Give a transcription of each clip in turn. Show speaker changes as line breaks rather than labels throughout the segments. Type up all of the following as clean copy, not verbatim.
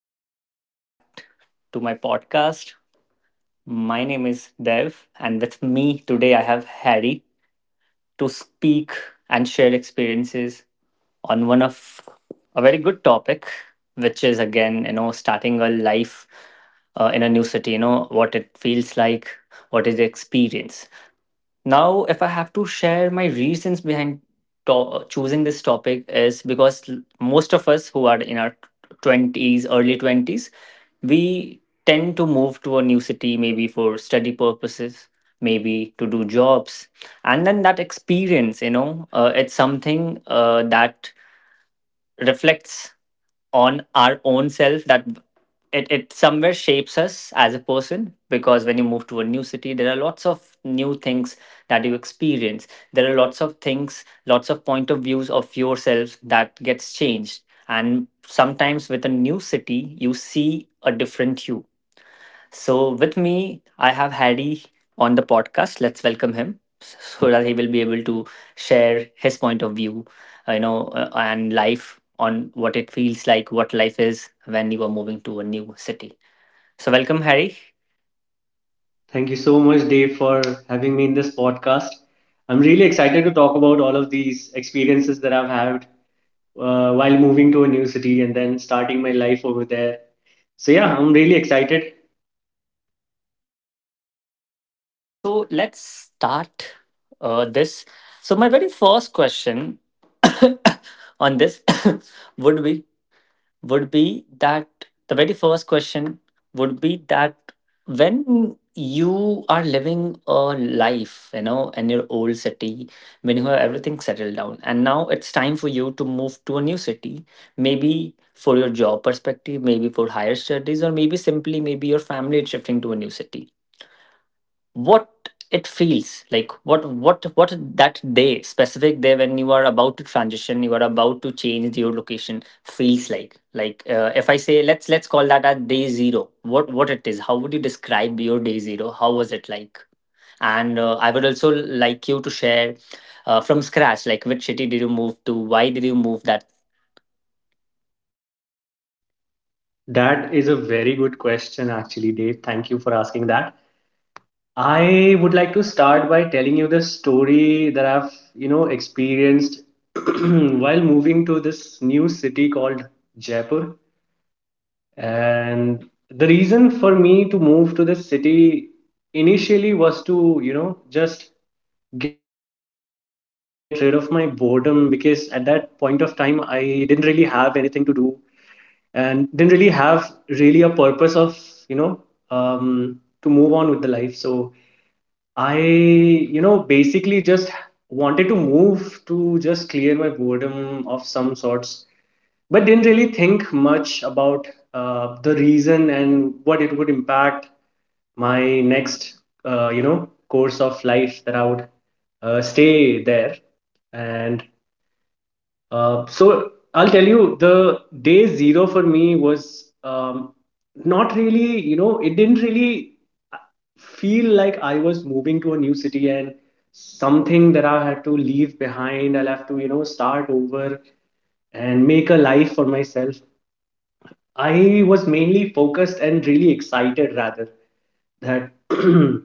Everyone, welcome back to my podcast. My name is Dev, and with me today, I have Harry to speak and share experiences on one of a very good topic, which is, again, you know, starting a life in a new city. You know what it feels like, what is the experience. Now, if I have to share my reasons behind choosing this topic, is because most of us who are in our 20s, early 20s, we tend to move to a new city, maybe for study purposes, maybe to do jobs. And then that experience, you know, it's something that reflects on our own self, that it somewhere shapes us as a person, because when you move to a new city, there are lots of new things that you experience. There are lots of things, lots of point of views of yourself that gets changed, and sometimes with a new city you see a different you. So, with me, I have Harry on the podcast. Let's welcome him so that he will be able to share his point of view, and life on what it feels like, what life is when you are moving to a new city. So, welcome, Harry.
Thank you so much, Dave, for having me in this podcast. I'm really excited to talk about all of these experiences that I've had while moving to a new city and then starting my life over there. So, yeah, I'm really excited.
Right. So, let's start this. So, my very first question on this would be would be that the very first question would be that when you are living a life, you know, in your old city, when you have everything settled down, and now it's time for you to move to a new city, maybe for your job perspective, maybe for higher studies, or maybe simply, maybe your family is shifting to a new city, what it feels like, what that day, specific day when you are about to transition, you are about to change your location, feels like. Like, if I say, let's call that at day 0, what it is, how would you describe your day 0, how was it like? And I would also like you to share from scratch, like which city did you move to, why did you move that.
That is a very good question, actually, Dave. Thank you for asking that. I would like to start by telling you the story that I've experienced while moving to this new city called Jaipur, and the reason for me to move to this city initially was to, just get rid of my boredom, because at that point of time I didn't really have anything to do and didn't really have really a purpose of, you know um, to move on with the life. So I, basically just wanted to move to just clear my boredom of some sorts, but didn't really think much about the reason and what it would impact my next, course of life that I would stay there. And so I'll tell you, the day zero for me was, not really, you know, it didn't really uh, feel like I was moving to a new city and something that I had to leave behind, I'll have to, you know, start over and make a life for myself. I was mainly focused and really excited rather that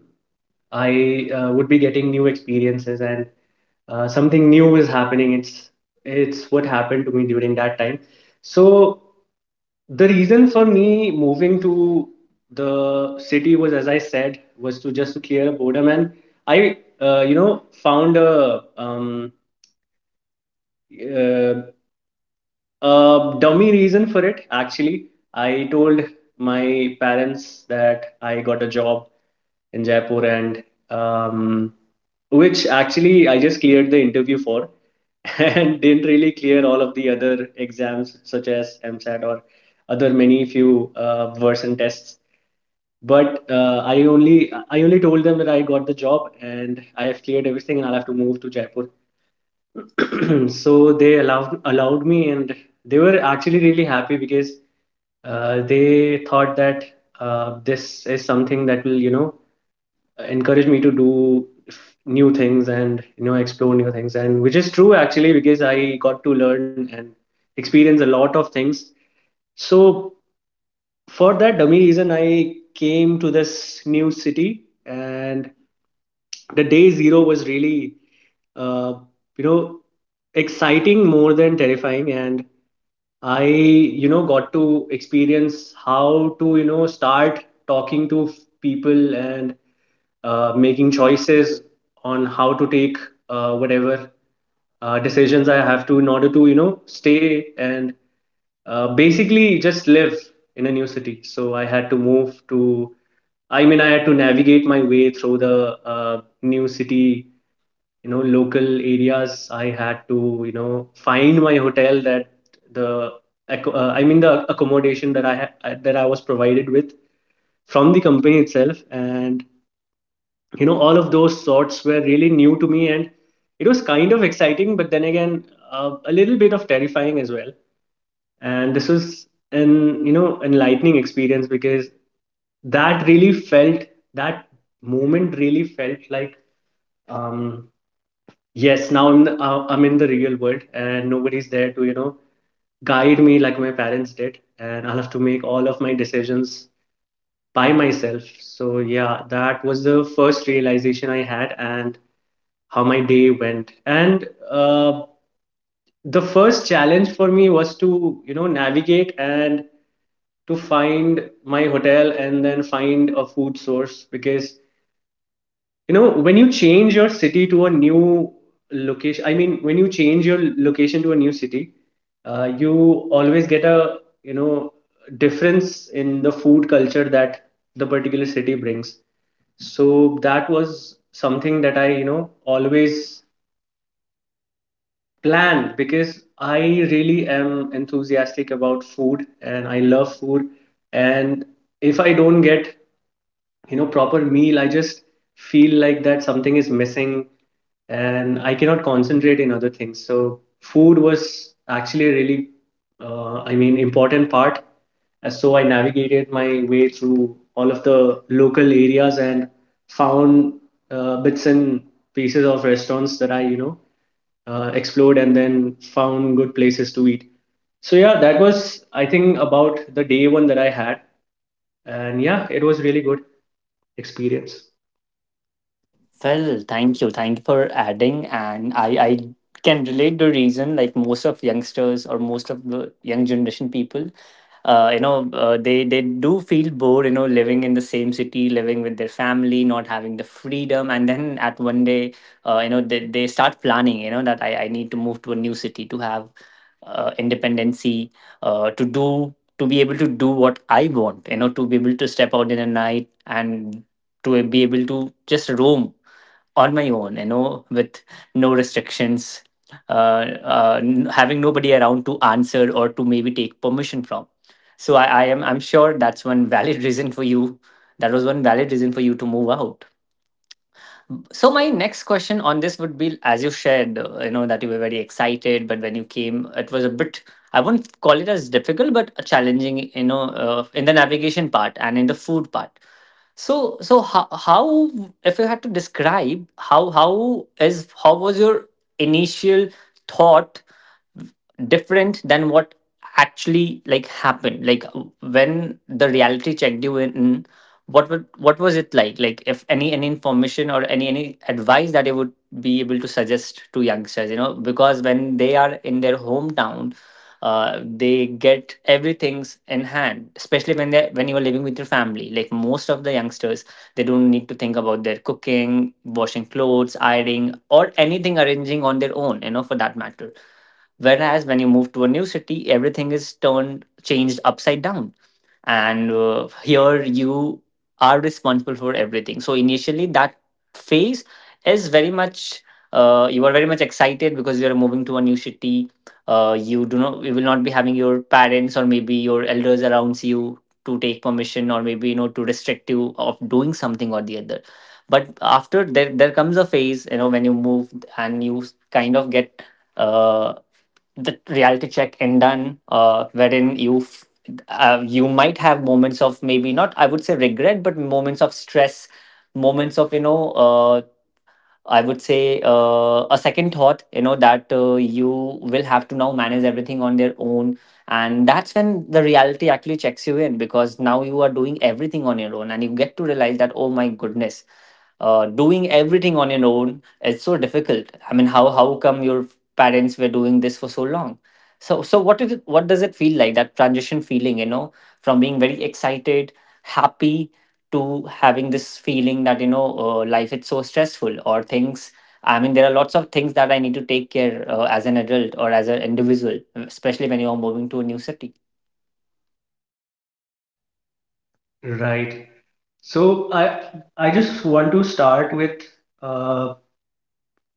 I would be getting new experiences and something new is happening. It's what happened to me during that time. So the reason for me moving to the city was, as I said, was to just to clear a boredom, and I, found a, uh, a dummy reason for it, actually. I told my parents that I got a job in Jaipur, and, um, which actually I just cleared the interview for, and didn't really clear all of the other exams, such as MSAT or other many few version tests. But I only told them that I got the job and I have cleared everything and I'll have to move to Jaipur. So they allowed me, and they were actually really happy because they thought that this is something that will, you know, encourage me to do new things and, you know, explore new things, and which is true, actually, because I got to learn and experience a lot of things. So for that dummy reason I came to this new city, and the day zero was really, uh, you know exciting more than terrifying. And I, you know, got to experience how to, you know, start talking to people and making choices on how to take whatever decisions I have to in order to, you know, stay and basically just live in a new city. So I had to move to, I mean, I had to navigate my way through the new city, you know, local areas. I had to, you know, find my hotel, that the I mean the accommodation that I had that I was provided with from the company itself. And, you know, all of those sorts were really new to me, and it was kind of exciting, but then again a little bit of terrifying as well. And this was an, you know, enlightening experience, because that really felt, that moment really felt like, um, yes, now I'm in the real world and nobody's there to, you know, guide me like my parents did, and I'll have to make all of my decisions by myself. So yeah, that was the first realization I had and how my day went. And the first challenge for me was to, you know, navigate and to find my hotel and then find a food source. Because, you know, when you change your city to a new location, I mean, when you change your location to a new city, you always get a, you know, difference in the food culture that the particular city brings. So that was something that I, you know, always plan, because I really am enthusiastic about food and I love food. And if I don't get, you know, proper meal, I just feel like that something is missing and I cannot concentrate in other things. So food was actually a really I mean important part. So I navigated my way through all of the local areas and found bits and pieces of restaurants that I, explored, and then found good places to eat. So yeah, that was, I think, about the day one that I had, and yeah, it was really good experience.
Well, thank you, thank you for adding. And I can relate the reason, like, most of youngsters or most of the young generation people, they do feel bored, you know, living in the same city, living with their family, not having the freedom, and then at one day, you know, they start planning, you know, that I need to move to a new city to have independency, to do, to be able to do what I want, you know, to be able to step out in a night, and to be able to just roam on my own, you know, with no restrictions, having nobody around to answer or to maybe take permission from. So I'm sure that's one valid reason for you. That was one valid reason for you to move out. So, my next question on this would be, as you shared, you know, that you were very excited, but when you came, it was a bit. I won't call it as difficult, but challenging, you know, in the navigation part and in the food part. So, so how, if you had to describe, how was your initial thought different than what actually, like, happened. Like, when the reality checked you in, what would, what was it like? Like, if any, any information or any advice that you would be able to suggest to youngsters, you know, because when they are in their hometown, they get everything's in hand, especially when they when you are living with your family, like most of the youngsters, they don't need to think about their cooking, washing clothes, ironing, or anything, arranging on their own, you know, for that matter. Whereas when you move to a new city, everything is turned, changed upside down, and here you are responsible for everything. So initially, that phase is very much, you are very much excited because you are moving to a new city. You do not, you will not be having your parents or maybe your elders around you to take permission, or maybe, you know, to restrict you of doing something or the other. But after, there comes a phase, you know, when you move, and you kind of get uh, the reality check in done, wherein you you might have moments of, maybe not, I would say, regret, but moments of stress, moments of, you know, I would say, a second thought, you know, that you will have to now manage everything on their own. And that's when the reality actually checks you in, because now you are doing everything on your own, and you get to realize that, oh my goodness, doing everything on your own is so difficult. I mean, how come your parents were doing this for so long? So, so what is it, what does it feel like, that transition feeling, you know, from being very excited, happy, to having this feeling that, you know, life is so stressful, or things, I mean, there are lots of things that I need to take care, as an adult or as an individual, especially when you're moving to a new city.
Right. So I just want to start with uh,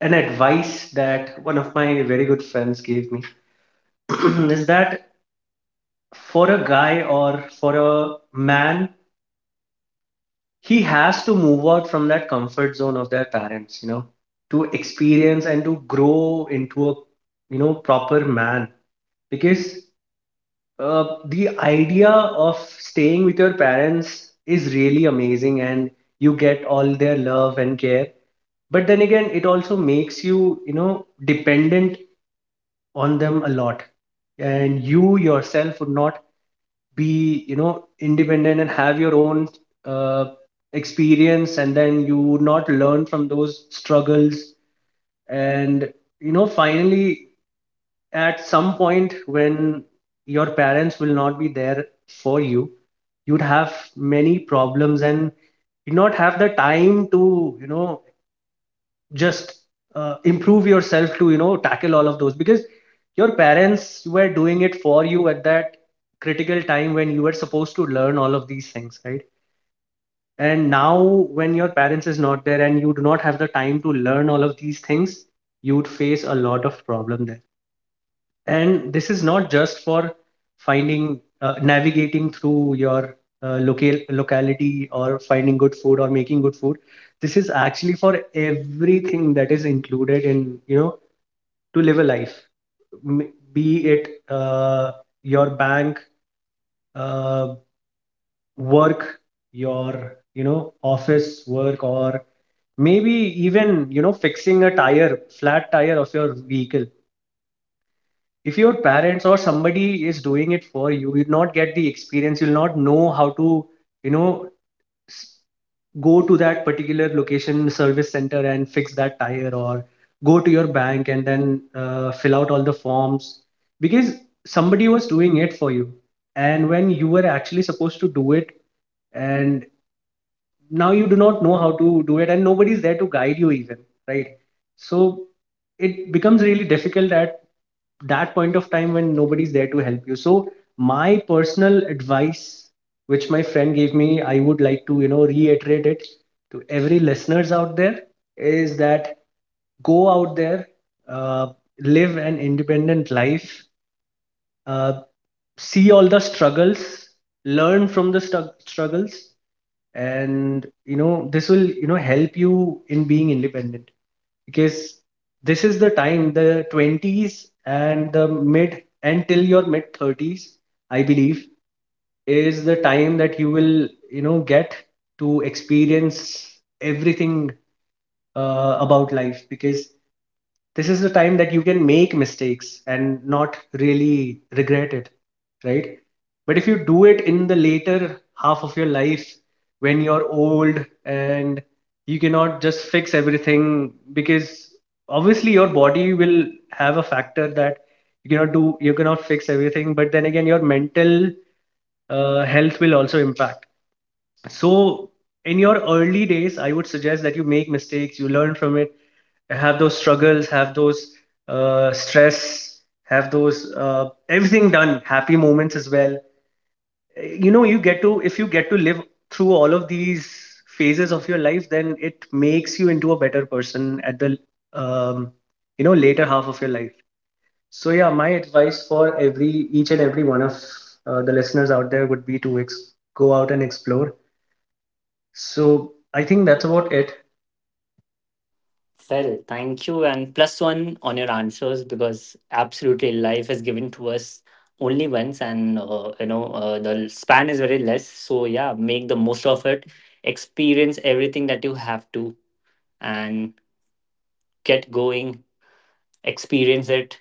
an advice that one of my very good friends gave me. Is that for a guy or for a man, he has to move out from that comfort zone of their parents, you know, to experience and to grow into a, you know, proper man. Because the idea of staying with your parents is really amazing and you get all their love and care, but then again it also makes you, you know, dependent on them a lot, and you yourself would not be, you know, independent and have your own uh, experience, and then you would not learn from those struggles. And, you know, finally, at some point when your parents will not be there for you, you'd have many problems, and you not have the time to, you know just improve yourself to, you know, tackle all of those, because your parents were doing it for you at that critical time when you were supposed to learn all of these things, right? And now when your parents is not there and you do not have the time to learn all of these things, you would face a lot of problem there. And this is not just for finding, navigating through your locality, or finding good food or making good food. This is actually for everything that is included in, you know, to live a life. M- be it your bank uh, work, your, you know, office work, or maybe even, you know, fixing a tire flat tire of your vehicle. If your parents or somebody is doing it for you, you'll not get the experience, you'll not know how to, you know s- go to that particular location service center and fix that tire, or go to your bank and then fill out all the forms, because somebody was doing it for you. And when you were actually supposed to do it, and now you do not know how to do it and nobody's there to guide you even, right? So it becomes really difficult at that point of time when nobody's there to help you. So my personal advice, which my friend gave me, I would like to, you know, reiterate it to every listeners out there, is that go out there, uh, live an independent life, uh, see all the struggles, learn from the struggles, and, you know, this will, you know, help you in being independent. Because this is the time, the 20s and the mid, until your mid 30s, I believe, is the time that you will, you know, get to experience everything about life. Because this is the time that you can make mistakes and not really regret it, right? But if you do it in the later half of your life, when you're old, and you cannot just fix everything, because obviously your body will have a factor that you cannot do, you cannot fix everything, but then again your mental health will also impact. So in your early days, I would suggest that you make mistakes, you learn from it, have those struggles, have those stress, have those everything done, happy moments as well. You know, you get to, if you get to live through all of these phases of your life, then it makes you into a better person at the, um, you know, later half of your life. So, yeah, my advice for every, each and every one of the listeners out there would be to go out and explore. So, I think that's about it.
Well, thank you, and plus one on your answers, because absolutely, life is given to us only once, and the span is very less. So yeah, make the most of it, experience everything that you have to, and get going. Experience it,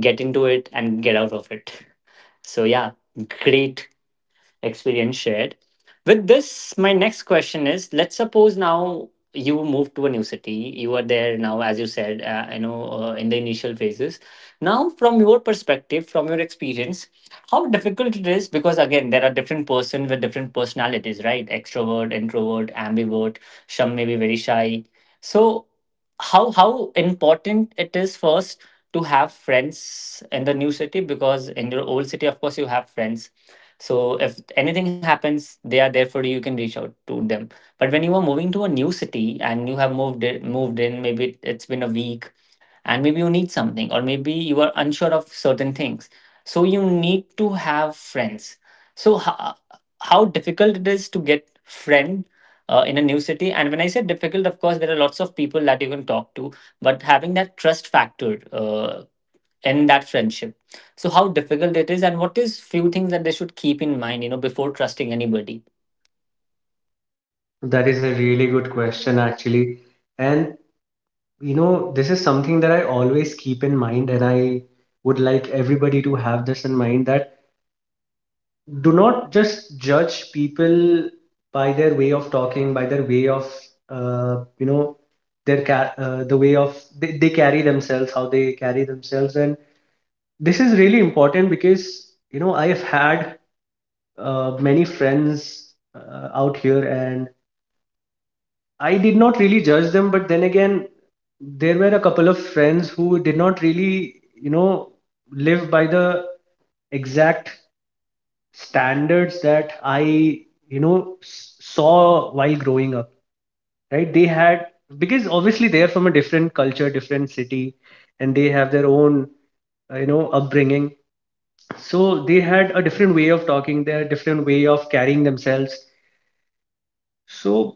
get into it, and get out of it. So yeah, great experience shared. With this, my next question is: let's suppose now you move to a new city. You are there now, as you said, in the initial phases. Now, from your perspective, from your experience, how difficult it is? Because, again, there are different persons with different personalities, right? Extrovert, introvert, ambivert. Some may be very shy. So, how important it is first to have friends in the new city, because in your old city, of course, you have friends, so if anything happens, they are there for you. You can reach out to them. But when you are moving to a new city and you have moved in, maybe it's been a week, and maybe you need something, or maybe you are unsure of certain things. So you need to have friends. So how difficult it is to get friend in a new city? And when I said difficult, of course, there are lots of people that you can talk to, but having that trust factor, uh, in that friendship. So how difficult it is, and what is few things that they should keep in mind, you know, before trusting anybody.
That is a really good question, actually. And you know, this is something that I always keep in mind, and I would like everybody to have this in mind that do not just judge people by their way of talking, by their way of, you know, the way of they carry themselves, how they carry themselves, and this is really important because you know I have had many friends out here, and I did not really judge them, but then again, there were a couple of friends who did not really, you know, live by the exact standards that I, you know, saw while growing up, right? They had, because obviously they are from a different culture, different city, and they have their own, you know, upbringing. So they had a different way of talking, their different way of carrying themselves. So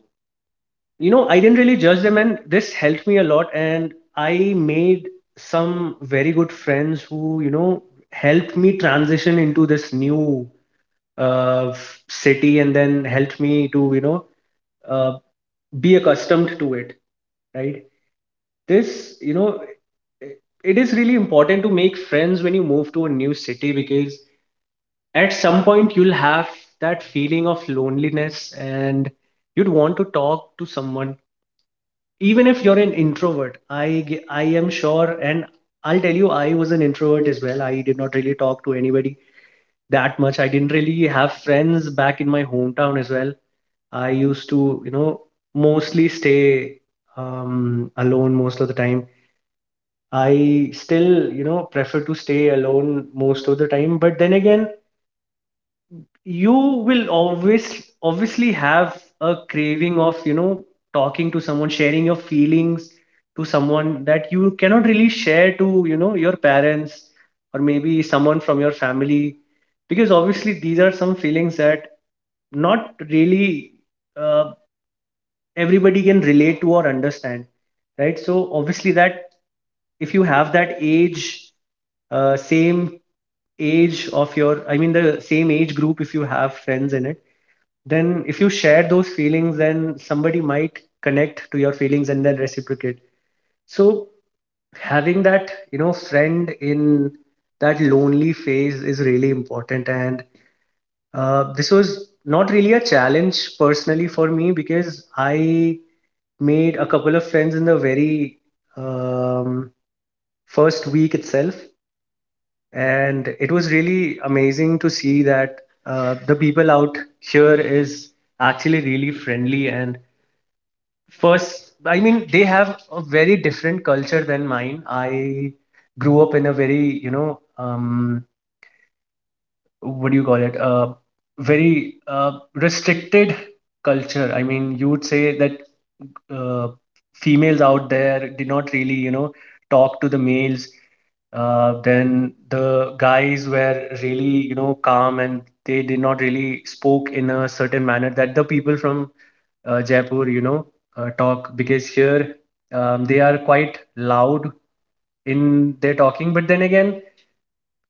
you know I didn't really judge them, and this helped me a lot, and I made some very good friends who you know helped me transition into this new city, and then helped me to you know uh, be accustomed to it, right? This you know i- it is really important to make friends when you move to a new city because at some point you'll have that feeling of loneliness, and you'd want to talk to someone even if you're an introvert. I am sure, and I'll tell you I was an introvert as well. I did not really talk to anybody that much. I didn't really have friends back in my hometown as well. I used to you know mostly stay alone most of the time. I still you know prefer to stay alone most of the time, but then again, you will always obviously have a craving of you know talking to someone, sharing your feelings to someone that you cannot really share to you know your parents or maybe someone from your family, because obviously these are some feelings that not really uh, everybody can relate to or understand, right? So obviously that if you have that age same age of your, I mean the same age group, if you have friends in it, then if you share those feelings, then somebody might connect to your feelings and then reciprocate. So having that you know friend in that lonely phase is really important, and this was not really a challenge personally for me because I made a couple of friends in the very um, first week itself, and it was really amazing to see that the people out here is actually really friendly, and first I mean they have a very different culture than mine. I grew up in a very you know what do you call it, very restricted culture. I mean you would say that uh, females out there did not really you know talk to the males. Then the guys were really you know calm, and they did not really spoke in a certain manner that the people from Jaipur you know talk, because here they are quite loud in their talking. But then again,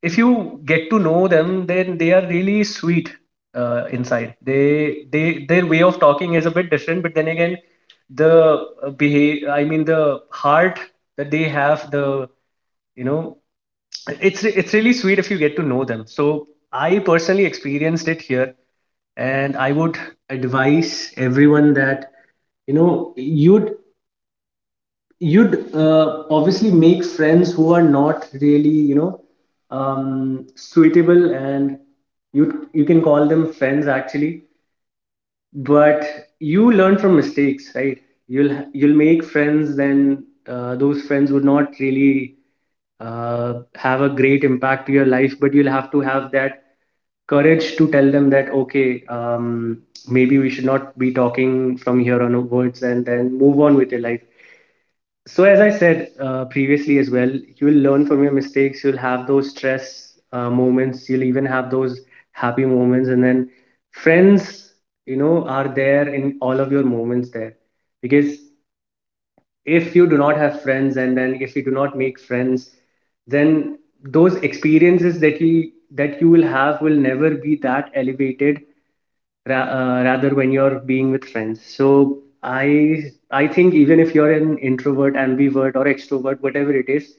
if you get to know them, then they are really sweet inside. They their way of talking is a bit different, but then again, the behave I mean the heart that they have, the you know, it's really sweet if you get to know them. So I personally experienced it here, and I would advise everyone that you know you'd obviously make friends who are not really you know suitable, and you can call them friends actually, but you learn from mistakes, right? You'll make friends, then those friends would not really have a great impact to your life, but you'll have to have that courage to tell them that okay, maybe we should not be talking from here on onwards, and then move on with your life. So, as I said previously as well, you'll learn from your mistakes. You'll have those stress moments. You'll even have those happy moments. And then friends, you know, are there in all of your moments there. Because if you do not have friends and then if you do not make friends, then those experiences that you will have will never be that elevated, rather when you're being with friends. So i I think even if you're an introvert, ambivert or extrovert, whatever it is,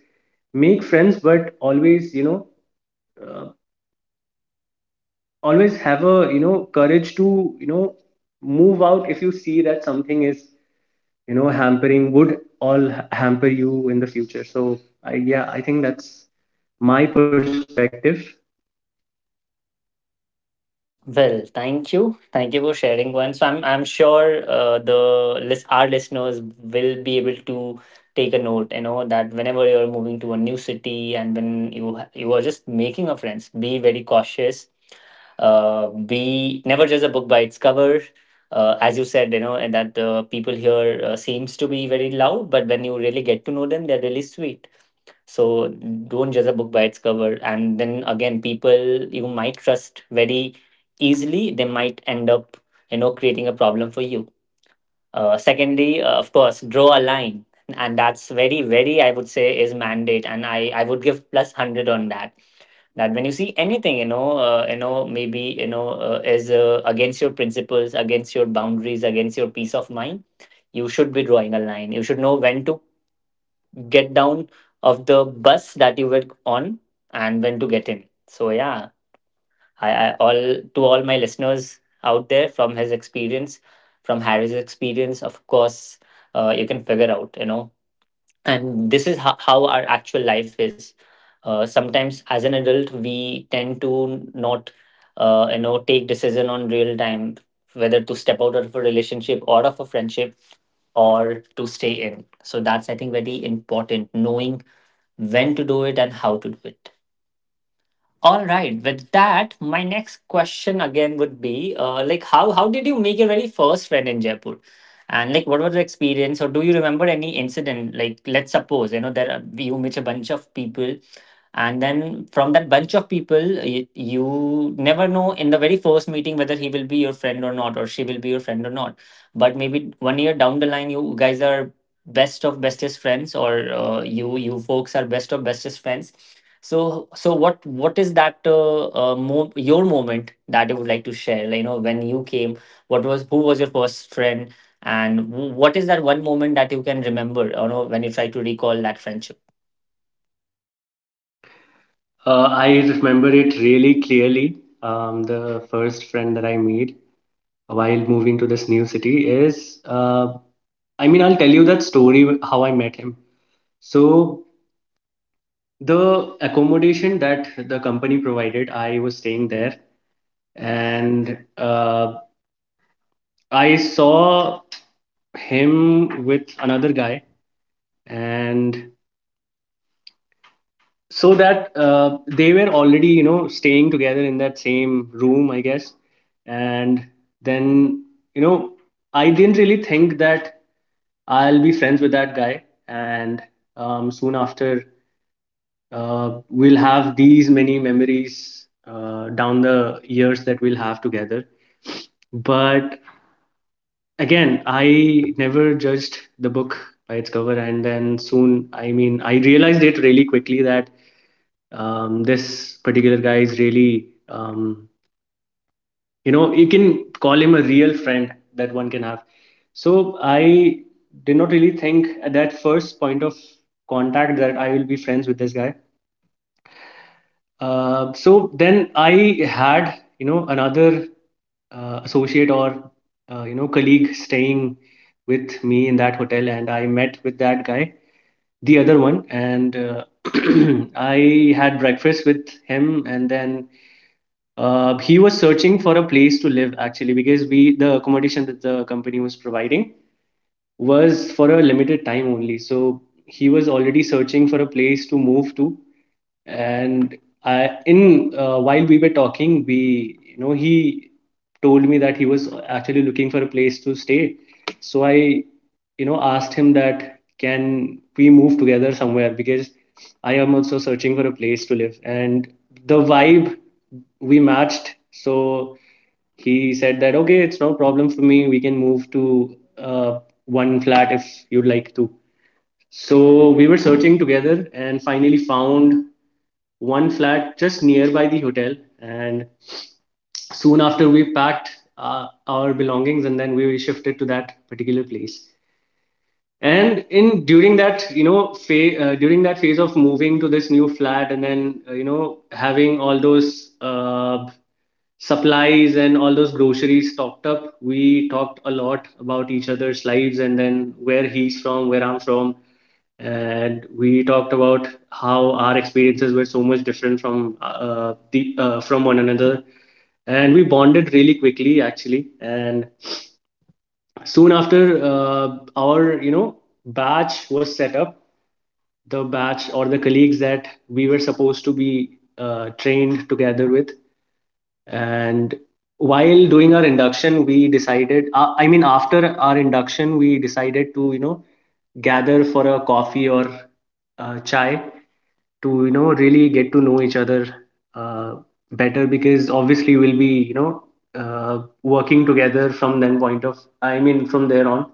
make friends, but always you know uh, always have a you know courage to you know move out if you see that something is you know hampering, hamper you in the future. So yeah, I think that's my perspective.
Well, thank you. Thank you for sharing one. So, I'm sure the list our listeners will be able to take a note, you know, that whenever you're moving to a new city, and when you you are just making a friends, be very cautious. Be Never judge a book by its cover. As you said, you know, and that the people here seems to be very loud, but when you really get to know them, they're really sweet. So, don't judge a book by its cover. And then again, people you might trust very easily, they might end up, you know, creating a problem for you. Secondly, of course, draw a line. And that's very, very, I would say, is mandate. And I would give plus 100 on that, that when you see anything, you know, maybe, you know, is, against your principles, against your boundaries, against your peace of mind, you should be drawing a line. You should know when to get down of the bus that you were on, and when to get in. So yeah, I all to all my listeners out there, from his experience, from Harry's experience, of course, you can figure out, you know. And this is how our actual life is. Sometimes, as an adult, we tend to not, you know, take decision on real time, whether to step out of a relationship or of a friendship, or to stay in. So that's, I think, very important, knowing when to do it and how to do it. All right, with that, my next question again would be, like, how did you make your very first friend in Jaipur, and, like, what was the experience, or do you remember any incident? Like, let's suppose you know you meet a bunch of people, and then from that bunch of people, you never know in the very first meeting whether he will be your friend or not, or she will be your friend or not. But maybe 1 year down the line, you guys are best of bestest friends, or you folks are best of bestest friends. So, what is that your moment that you would like to share? Like, you know, when you came, what was who was your first friend, and what is that one moment that you can remember? You know, when you try to recall that friendship.
I remember it really clearly. The first friend that I made while moving to this new city is I mean, I'll tell you that story how I met him. So, the accommodation that the company provided, I was staying there, and I saw him with another guy, and so that they were already you know staying together in that same room, I guess. And then you know I didn't really think that I'll be friends with that guy. And soon after we'll have these many memories down the years that we'll have together. But again, I never judged the book by its cover. And then soon, I mean I realized it really quickly that this particular guy is really you know, you can call him a real friend that one can have. So I did not really think at that first point of contact that I will be friends with this guy. So then I had you know another associate or you know colleague staying with me in that hotel, and I met with that guy, the other one, and I had breakfast with him, and then he was searching for a place to live actually, because we the accommodation that the company was providing was for a limited time only. So he was already searching for a place to move to. And I, in while we were talking, we you know he told me that he was actually looking for a place to stay. So I you know asked him that, can we move together somewhere, because I am also searching for a place to live. And the vibe we matched. So he said that okay, it's no problem for me, we can move to one flat if you'd like to. So we were searching together and finally found one flat just nearby the hotel. And soon after, we packed our belongings, and then we shifted to that particular place. And in during that, you know, phase, during that phase of moving to this new flat, and then, you know, having all those supplies and all those groceries stocked up, we talked a lot about each other's lives and then where he's from, where I'm from, and we talked about how our experiences were so much different from one another. And we bonded really quickly actually. And soon after our you know batch was set up, the batch or the colleagues that we were supposed to be trained together with. And while doing our induction, we decided I mean after our induction, we decided to you know gather for a coffee or chai, to you know really get to know each other uh, better, because obviously we'll be you know working together from then point of I mean from there on.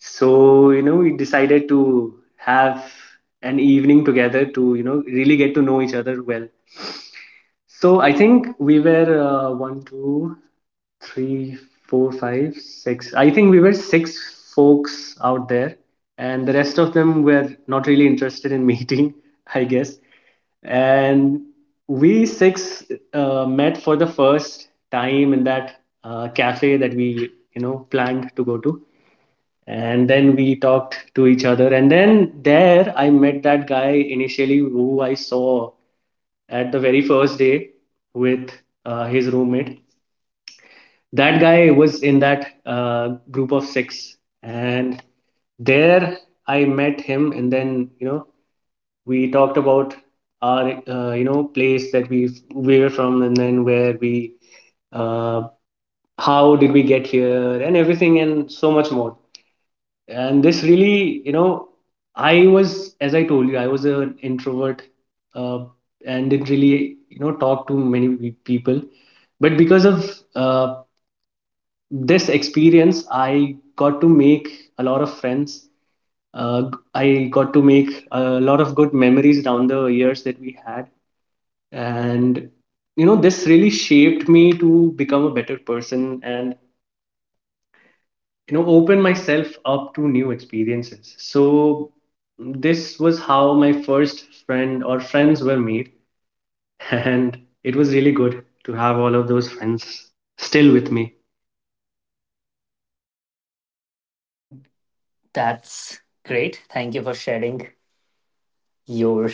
So you know we decided to have an evening together to you know really get to know each other well. So I think we were one, two, three, four, five, six. I think we were six folks out there, and the rest of them were not really interested in meeting, I guess. And we six met for the first time in that cafe that we, you know, planned to go to. And then we talked to each other. And then there, I met that guy initially who I saw at the very first day with his roommate. That guy was in that group of six, and there I met him, and then you know we talked about our you know place that we were from, and then where we uh, how did we get here, and everything, and so much more. And this really you know, I was, as I told you, I was an introvert, uh, and didn't really you know talk to many people. But because of uh, this experience, I got to make a lot of friends. uh, I got to make a lot of good memories down the years that we had. And you know this really shaped me to become a better person, and you know open myself up to new experiences. So this was how my first friend or friends were made. And it was really good to have all of those friends still with me.
That's great. Thank you for sharing your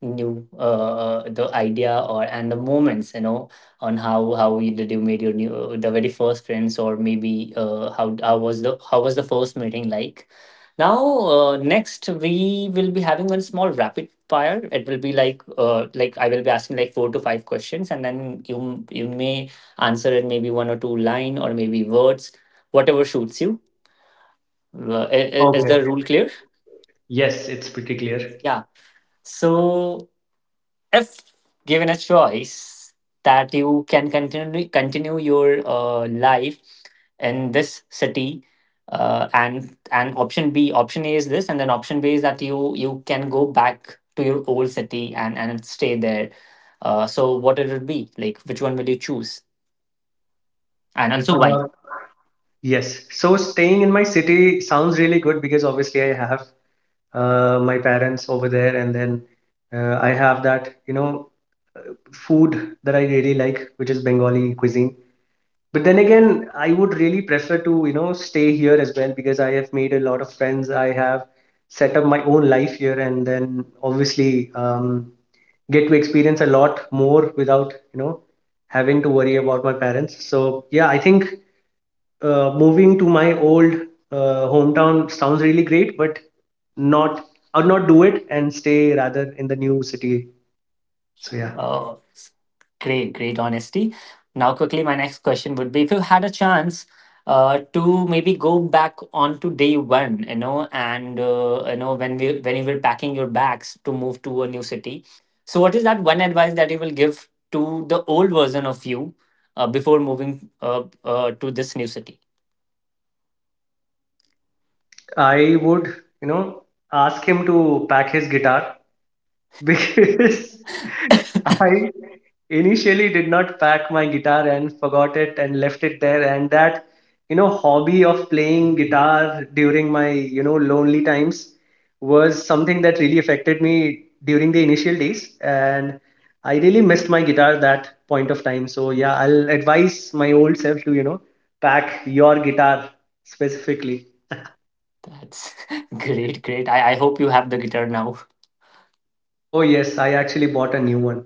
new the idea or and the moments, you know, on did you made your new the very first friends, or maybe how was the first meeting like. Now, next we will be having one small rapid fire. It will be like, like I will be asking like four to five questions, and then you may answer in maybe one or two line, or maybe words, whatever suits you. Is the
Okay.
rule clear?
Yes, it's pretty clear.
Yeah. So, if given a choice that you can continue your life in this city, and option B, option A is this, and then option B is that you can go back to your old city and stay there. So what it would be like? Which one will you choose, and also why?
uh, yes, so staying in my city sounds really good because obviously I have my parents over there, and then I have that food that I really like, which is Bengali cuisine. But then again, I would really prefer to, you know, stay here as well because I have made a lot of friends. I have set up my own life here, and then obviously get to experience a lot more without, having to worry about my parents. So yeah, I think moving to my old hometown sounds really great, but not, I'd not do it and stay rather in the new city. So yeah,
Oh, great, great honesty. Now, quickly, my next question would be, if you had a chance to maybe go back on to day one, you know, and you know, when we when you were packing your bags to move to a new city. So, what is that one advice that you will give to the old version of you before moving to this new city?
I would, you know, ask him to pack his guitar because I initially did not pack my guitar and forgot it and left it there, and that hobby of playing guitar during my lonely times was something that really affected me during the initial days, and I really missed my guitar that point of time. So yeah, I'll advise my old self to, you know, pack your guitar specifically.
That's great, great. I hope you have the guitar now.
Oh yes, I actually bought a new one.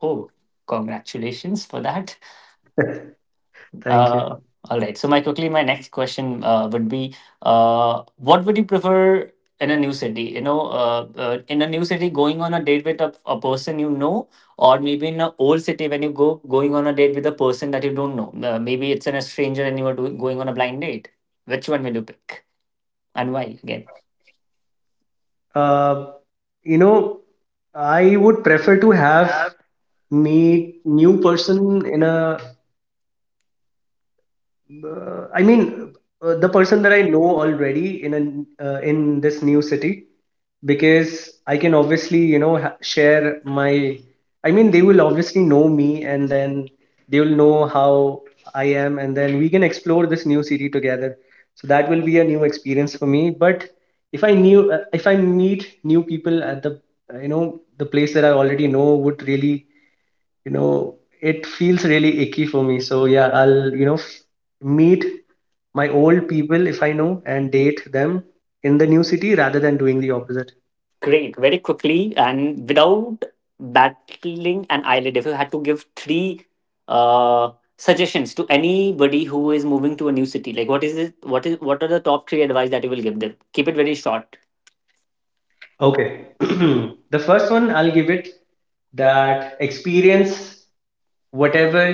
Oh, congratulations for that.
Thank you.
Uh, all right. So, my quickly, my next question would be, what would you prefer in a new city? You know, in a new city, going on a date with a person you know, or maybe in an old city when you go going on a date with a person that you don't know. Maybe it's in a stranger and you are going on a blind date. Which one will you pick, and why? Again.
Uh, you know, I would prefer to have meet new person in a uh, I mean, the person that I know already in a in this new city, because I can obviously, you know, share my. I mean, they will obviously know me, and then they will know how I am, and then we can explore this new city together. So that will be a new experience for me. But if I knew, if I meet new people at the, you know, the place that I already know, would really, you know, it feels really icky for me. So yeah, I'll, you know, meet my old people if I know and date them in the new city, rather than doing the opposite.
Great, very quickly and without battling an eyelid. If you had to give three suggestions to anybody who is moving to a new city, like, what is it? What is what are the top three advice that you will give them? Keep it very short.
Okay. The first one I'll give it, that experience whatever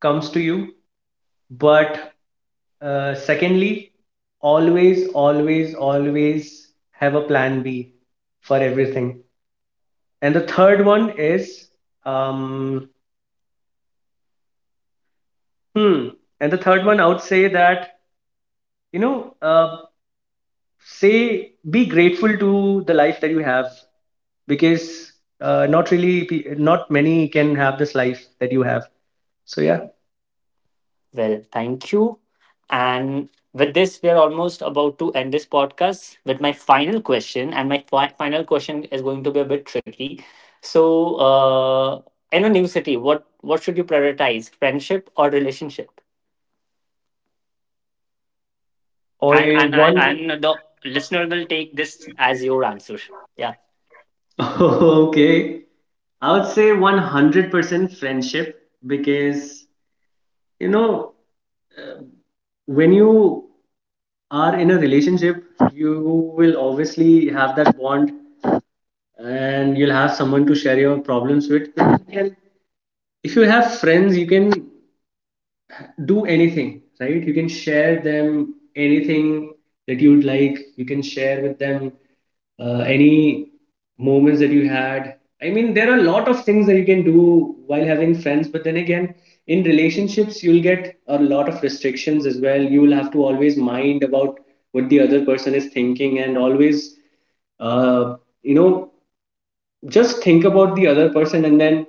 comes to you. But secondly, always, always, always have a plan B for everything. And the third one is um hmm. And the third one, I would say that, you know, say, be grateful to the life that you have, because not really, not many can have this life that you have. So yeah.
Well, thank you. And with this, we are almost about to end this podcast with my final question. And my final question is going to be a bit tricky. So, in a new city, what should you prioritize, friendship or relationship? and
Or
and
one.
and and the listener will take this as your answer. Yeah.
Okay. I would say 100% friendship because, you know, uh, when you are in a relationship, you will obviously have that bond, and you'll have someone to share your problems with. And if you have friends, you can do anything, right? You can share them anything that you would like, you can share with them any moments that you had. I mean, there are a lot of things that you can do while having friends. But then again, in relationships you'll get a lot of restrictions as well. You will have to always mind about what the other person is thinking, and always, uh, you know just think about the other person, and then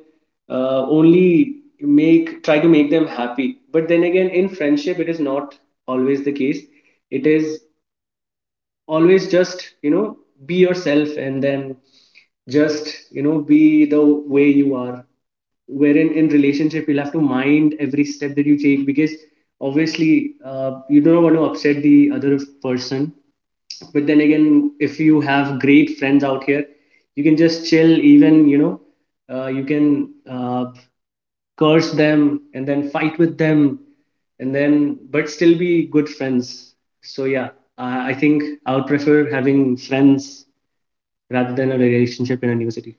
only make try to make them happy. But then again, in friendship, it is not always the case. It is always just, you know, be yourself, and then just, you know, be the way you are. Wherein in relationship, you'll have to mind every step that you take because obviously you don't want to upset the other person. But then again, if you have great friends out here, you can just chill. Even, you know, you can curse them and then fight with them, and then, but still be good friends. So yeah, I think I would prefer having friends rather than a relationship in a new city.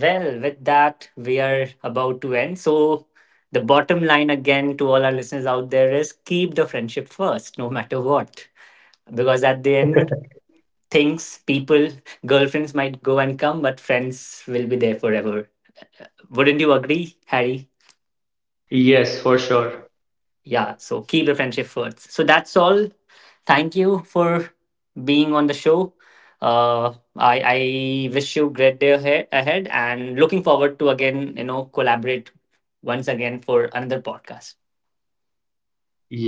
Well, with that, we are about to end. So the bottom line again to all our listeners out there is keep the friendship first, no matter what, because at the end, things people girlfriends might go and come, but friends will be there forever. Wouldn't you agree, Harry?
Yes, for sure.
Yeah, so keep the friendship first. So that's all. Thank you for being on the show. I wish you great day ahead, and looking forward to again, you know, collaborate once again for another podcast.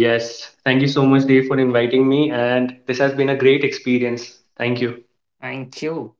Yes. Thank you so much, Dave, for inviting me. And this has been a great experience. Thank you.
Thank you.